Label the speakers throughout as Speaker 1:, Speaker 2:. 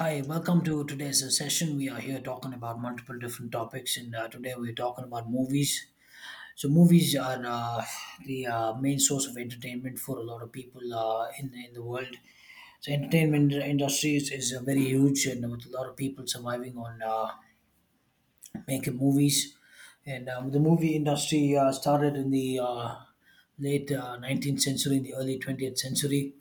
Speaker 1: Hi, welcome to today's session. We are here talking about multiple different topics, and today we're talking about movies. So, movies are the main source of entertainment for a lot of people in the world. So, entertainment industry is very huge, and with a lot of people surviving on making movies. And the movie industry started in the late 19th century, in the early 20th century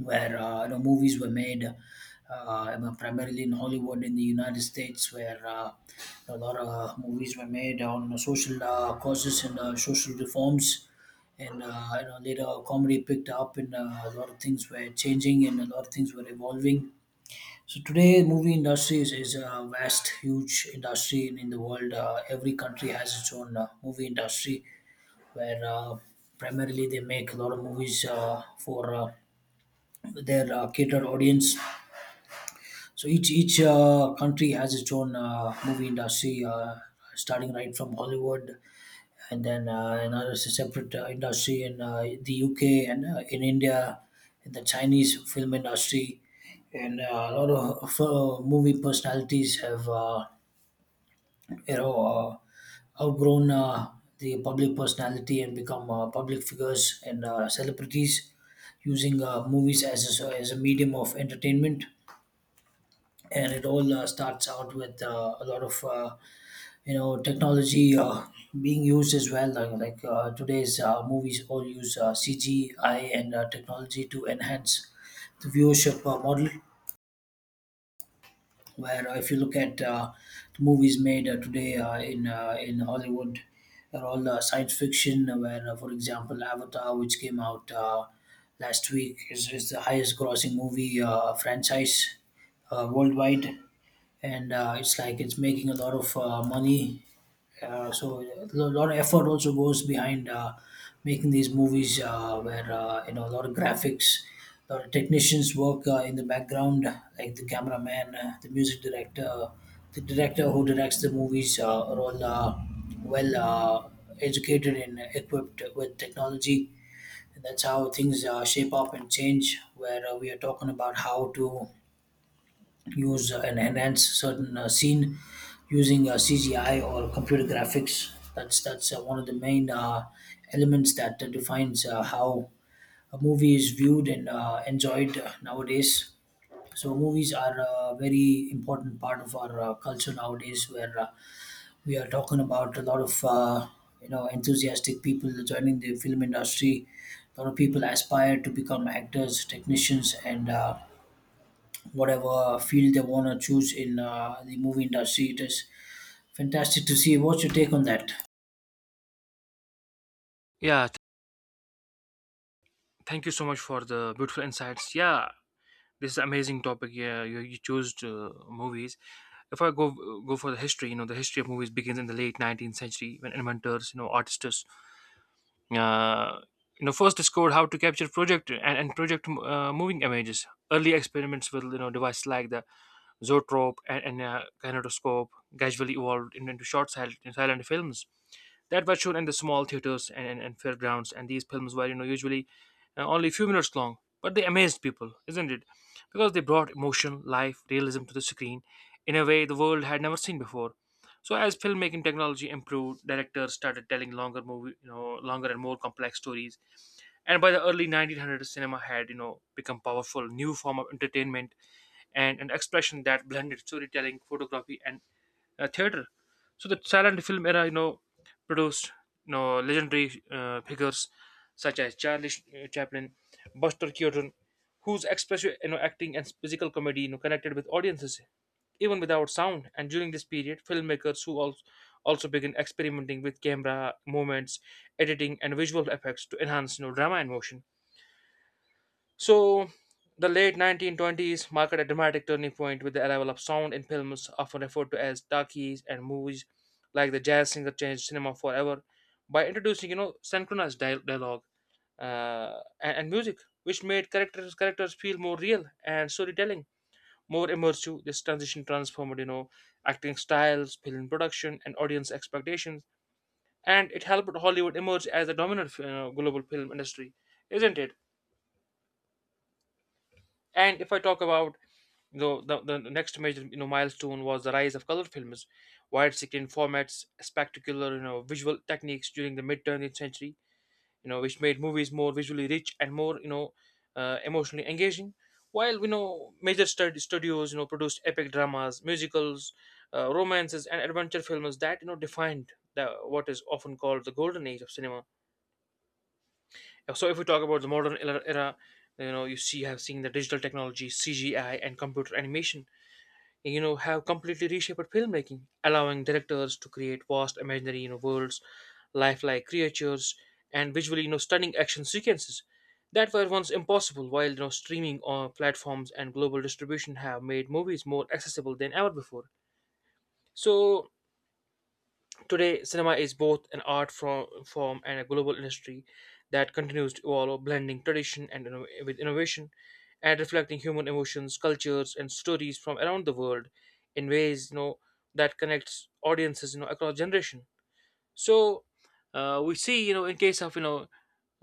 Speaker 1: where movies were made primarily in Hollywood in the United States, where a lot of movies were made on social causes and social reforms. Later comedy picked up, and a lot of things were changing, and a lot of things were evolving. So today, movie industry is a vast, huge industry in the world. Every country has its own movie industry, where primarily they make a lot of movies for their catered audience. So each country has its own movie industry, starting right from Hollywood, and then another separate industry in the UK and in India, in the Chinese film industry, and a lot of movie personalities have outgrown the public personality and become public figures and celebrities using movies as a medium of entertainment, and it all starts out with a lot of technology being used as well, like today's movies all use cgi and technology to enhance the viewership model, where if you look at the movies made today in Hollywood, are all science fiction. Where, for example, Avatar, which came out last week, is the highest-grossing movie franchise worldwide, and it's like it's making a lot of money. So a lot of effort also goes behind making these movies where a lot of graphics, a lot of technicians work in the background, like the cameraman, the music director, the director who directs the movies are all well educated and equipped with technology. And that's how things shape up and change, where we are talking about how to use and enhance certain scene using CGI or computer graphics. That's one of the main elements that defines how a movie is viewed and enjoyed nowadays. So movies are a very important part of our culture nowadays, where we are talking about a lot of enthusiastic people joining the film industry. A lot of people aspire to become actors, technicians, and whatever field they want to choose in the movie industry. It is fantastic to see. What's your take on that?
Speaker 2: Yeah, thank you so much for the beautiful insights. Yeah, this is amazing topic. Yeah, you chose movies. If I go for the history, the history of movies begins in the late 19th century when inventors, artists, uh, first discovered how to capture project and project moving images. Early experiments with devices like the zoetrope, and kinetoscope gradually evolved into short silent films that were shown in the small theaters and fairgrounds. And these films were, usually only a few minutes long, but they amazed people, isn't it? Because they brought emotion, life, realism to the screen in a way the world had never seen before. So as filmmaking technology improved, directors started telling longer movie, you know, longer and more complex stories. And by the early 1900s, cinema had, become powerful new form of entertainment and an expression that blended storytelling, photography, and theater. So the silent film era, produced legendary figures such as Charlie Chaplin, Buster Keaton, whose expressive acting and physical comedy connected with audiences even without sound. And during this period, filmmakers who also began experimenting with camera movements, editing, and visual effects to enhance drama and motion. So, the late 1920s marked a dramatic turning point with the arrival of sound in films, often referred to as talkies, and movies like The Jazz Singer changed cinema forever by introducing, synchronized dialogue and music, which made characters feel more real and storytelling more immersive. This transition transformed, acting styles, film production, and audience expectations, and it helped Hollywood emerge as the dominant, global film industry, isn't it? And if I talk about, the next major milestone was the rise of color films, widescreen formats, spectacular visual techniques during the mid 20th century, which made movies more visually rich and more emotionally engaging. While major studios produced epic dramas, musicals, romances, and adventure films that defined the what is often called the golden age of cinema. So if we talk about the modern era, have seen the digital technology, CGI, and computer animation have completely reshaped filmmaking, allowing directors to create vast imaginary worlds, lifelike creatures, and visually stunning action sequences that were once impossible, while streaming on platforms and global distribution have made movies more accessible than ever before so Today, cinema is both an art form and a global industry that continues to evolve, blending tradition with innovation, and reflecting human emotions, cultures, and stories from around the world in ways, that connects audiences, across generation. So we see, in case of, you know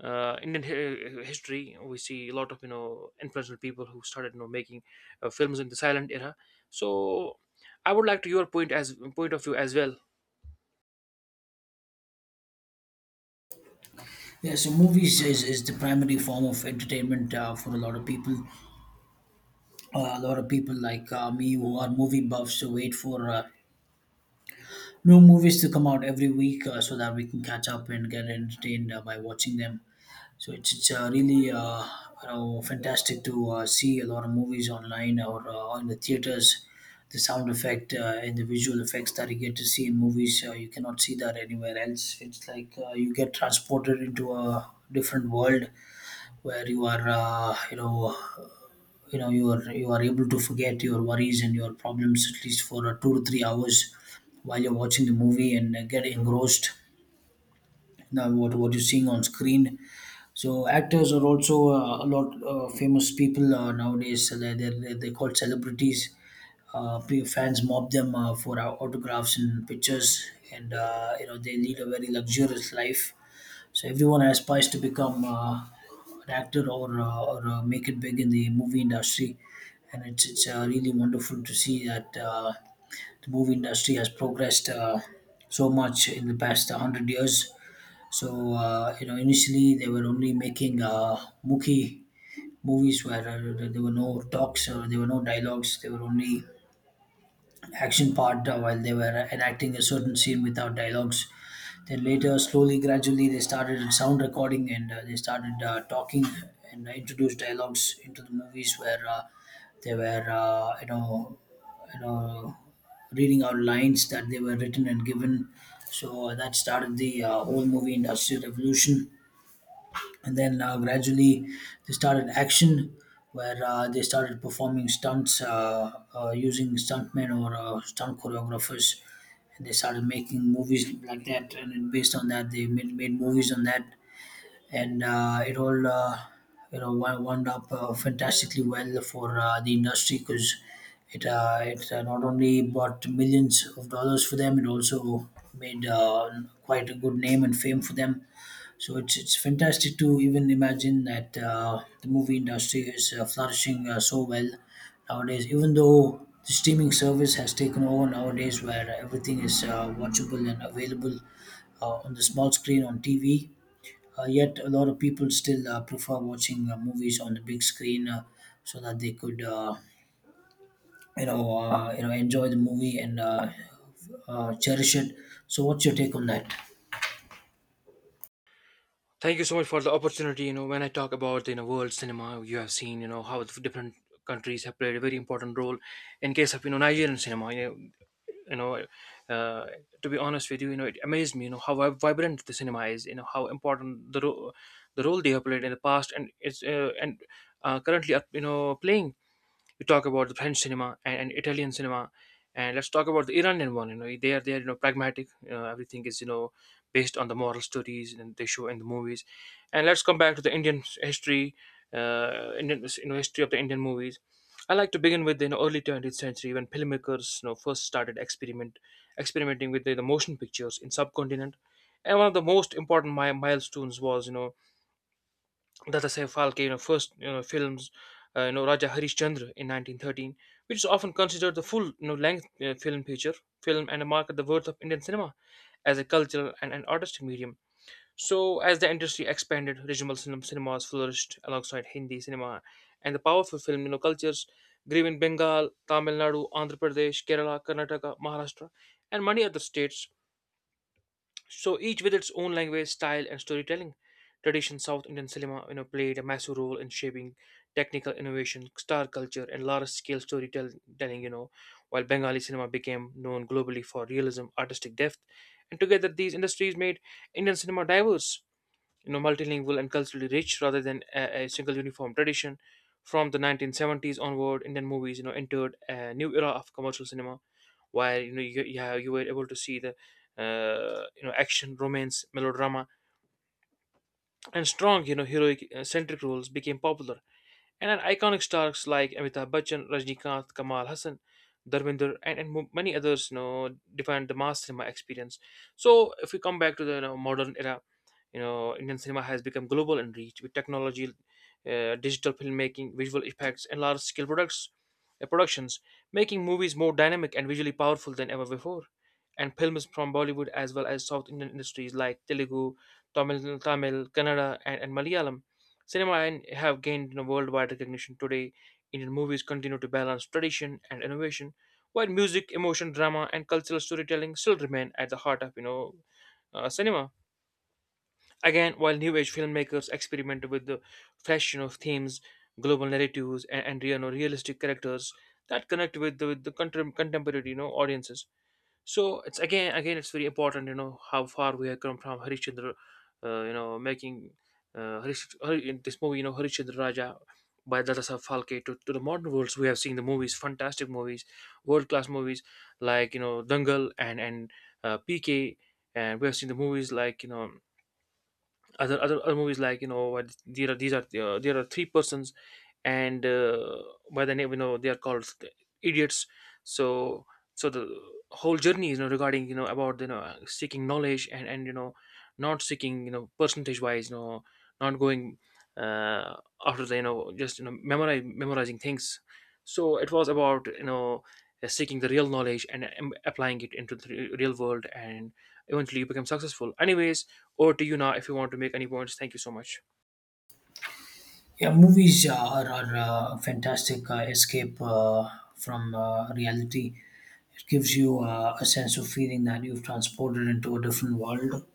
Speaker 2: uh, Indian history, we see a lot of influential people who started making films in the silent era. So I would like to your point as point of view as well.
Speaker 1: Yeah, so movies is the primary form of entertainment for a lot of people. A lot of people like me who are movie buffs to wait for new movies to come out every week so that we can catch up and get entertained by watching them. So it's really fantastic to see a lot of movies online or in the theaters. The sound effect and the visual effects that you get to see in movies, you cannot see that anywhere else. It's like you get transported into a different world, where you are, you are able to forget your worries and your problems at least for 2 to 3 hours while you're watching the movie and get engrossed. Now, what you're seeing on screen. So actors are also a lot famous people nowadays. They call celebrities. Fans mob them for autographs and pictures, and they lead a very luxurious life. So everyone aspires to become an actor or make it big in the movie industry, and it's really wonderful to see that the movie industry has progressed so much in the past hundred years. So initially they were only making Mookie movies where there were no talks or there were no dialogues. They were only action part while they were enacting a certain scene without dialogues. Then later, slowly, gradually, they started sound recording and they started talking and introduced dialogues into the movies where they were you know reading out lines that they were written and given. So that started the whole movie industry revolution, and then gradually they started action, where they started performing stunts using stuntmen or stunt choreographers, and they started making movies like that, and then based on that they made movies on that. And it all wound up fantastically well for the industry, because it not only brought millions of dollars for them, it also made quite a good name and fame for them. So it's fantastic to even imagine that the movie industry is flourishing so well nowadays. Even though the streaming service has taken over nowadays, where everything is watchable and available on the small screen on TV, yet a lot of people still prefer watching movies on the big screen so that they could. Enjoy the movie and cherish it. So, what's your take on that?
Speaker 2: Thank you so much for the opportunity. You know, when I talk about world cinema, you have seen how the different countries have played a very important role. In case of, Nigerian cinema, you know uh, to be honest with you, you know it amazed me. You know how vibrant the cinema is. You know how important the role they have played in the past, and it's and currently are, playing. You talk about the French cinema and Italian cinema, and let's talk about the Iranian one. You know, they are pragmatic. You know, everything is based on the moral stories, and they show in the movies. And let's come back to the Indian history, Indian, history of the Indian movies. I like to begin with the, early 20th century when filmmakers first started experimenting with the motion pictures in subcontinent. And one of the most important milestones was, Dada Saif Phalke, first films, Raja Harishchandra in 1913, which is often considered the full length film, feature film, and marked the worth of Indian cinema as a cultural and an artistic medium. So as the industry expanded, regional cinemas flourished alongside Hindi cinema, and the powerful film cultures grew in Bengal, Tamil Nadu, Andhra Pradesh, Kerala, Karnataka, Maharashtra, and many other states. So each with its own language, style, and storytelling tradition, South Indian cinema played a massive role in shaping technical innovation, star culture, and large-scale storytelling. You know, while Bengali cinema became known globally for realism, artistic depth, and together these industries made Indian cinema diverse, multilingual, and culturally rich rather than a single uniform tradition. From the 1970s onward, Indian movies entered a new era of commercial cinema where, you were able to see the, action, romance, melodrama, and strong, heroic centric roles became popular, and an iconic stars like Amitabh Bachchan, Rajnikanth, Kamal Hassan, Dharminder, and many others, defined the mass cinema experience. So, if we come back to the, modern era, Indian cinema has become global in reach with technology, digital filmmaking, visual effects, and productions, making movies more dynamic and visually powerful than ever before. And films from Bollywood, as well as South Indian industries like Telugu, Tamil, Kannada, and Malayalam cinema, and have gained, worldwide recognition today. Indian movies continue to balance tradition and innovation, while music, emotion, drama, and cultural storytelling still remain at the heart of, cinema. Again, while new age filmmakers experiment with the fashion of themes, global narratives, and realistic characters that connect with with the contemporary audiences, so it's again it's very important. You know how far we have come from Harishchandra, making in this movie, Harishchandra Raja by Dadasaheb Phalke, to the modern worlds. We have seen the movies, fantastic movies, world class movies like, Dangal, and PK, and we have seen the movies like, other movies, like, what there are, these are, there are three persons, and, by the name, they are called idiots. So, the whole journey, regarding, about, seeking knowledge, and not seeking, percentage wise, not going uh, after the, just, memorize memorizing things. So it was about, seeking the real knowledge and, applying it into the real world, and eventually you become successful anyways. Over to you now, if you want to make any points. Thank you so much.
Speaker 1: Yeah, movies are a fantastic escape from reality. It gives you a sense of feeling that you've transported into a different world,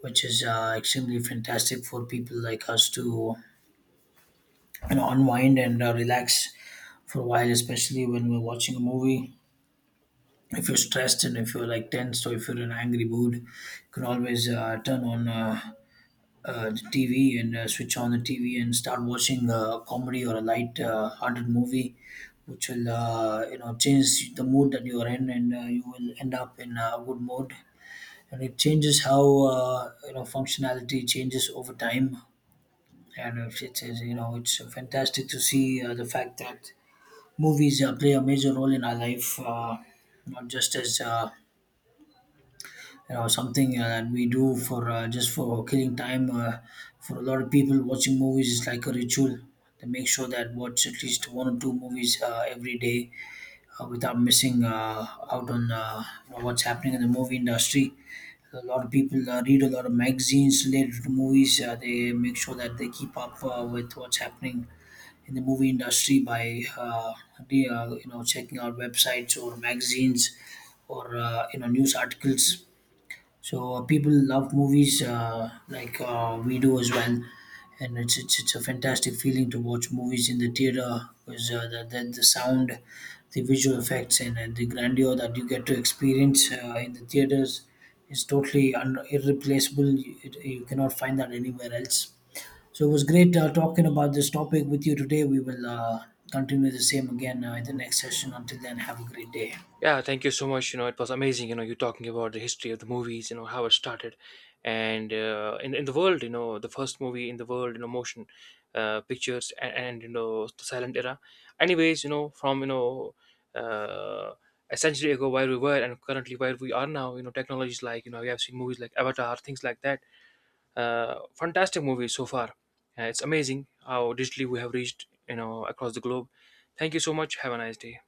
Speaker 1: which is extremely fantastic for people like us to unwind and relax for a while, especially when we're watching a movie. If you're stressed and if you're like tensed or if you're in an angry mood, you can always turn on the TV, and switch on the TV and start watching a comedy or a light hearted movie, which will change the mood that you are in, and you will end up in a good mood. And it changes how functionality changes over time, and it's, you know it's fantastic to see the fact that movies play a major role in our life, not just as something that we do for just for killing time. For a lot of people, watching movies is like a ritual. They make sure that watch at least one or two movies every day without missing out on what's happening in the movie industry. A lot of people read a lot of magazines related to movies. They make sure that they keep up with what's happening in the movie industry by the, you know checking out websites or magazines, or news articles. So people love movies, like we do as well, and it's a fantastic feeling to watch movies in the theater because the sound, the visual effects, and the grandeur that you get to experience in the theaters is totally irreplaceable. You cannot find that anywhere else. So it was great talking about this topic with you today. We will continue the same again in the next session. Until then, have a great day.
Speaker 2: Yeah, thank you so much. You know, it was amazing. You talking about the history of the movies. You know how it started, and in the world, the first movie in the world, motion pictures, and the silent era. Anyways, from. Uh, a century ago where we were, and currently where we are now, technologies like, we have seen movies like Avatar, things like that, fantastic movie so far. It's amazing how digitally we have reached, across the globe. Thank you so much. Have a nice day.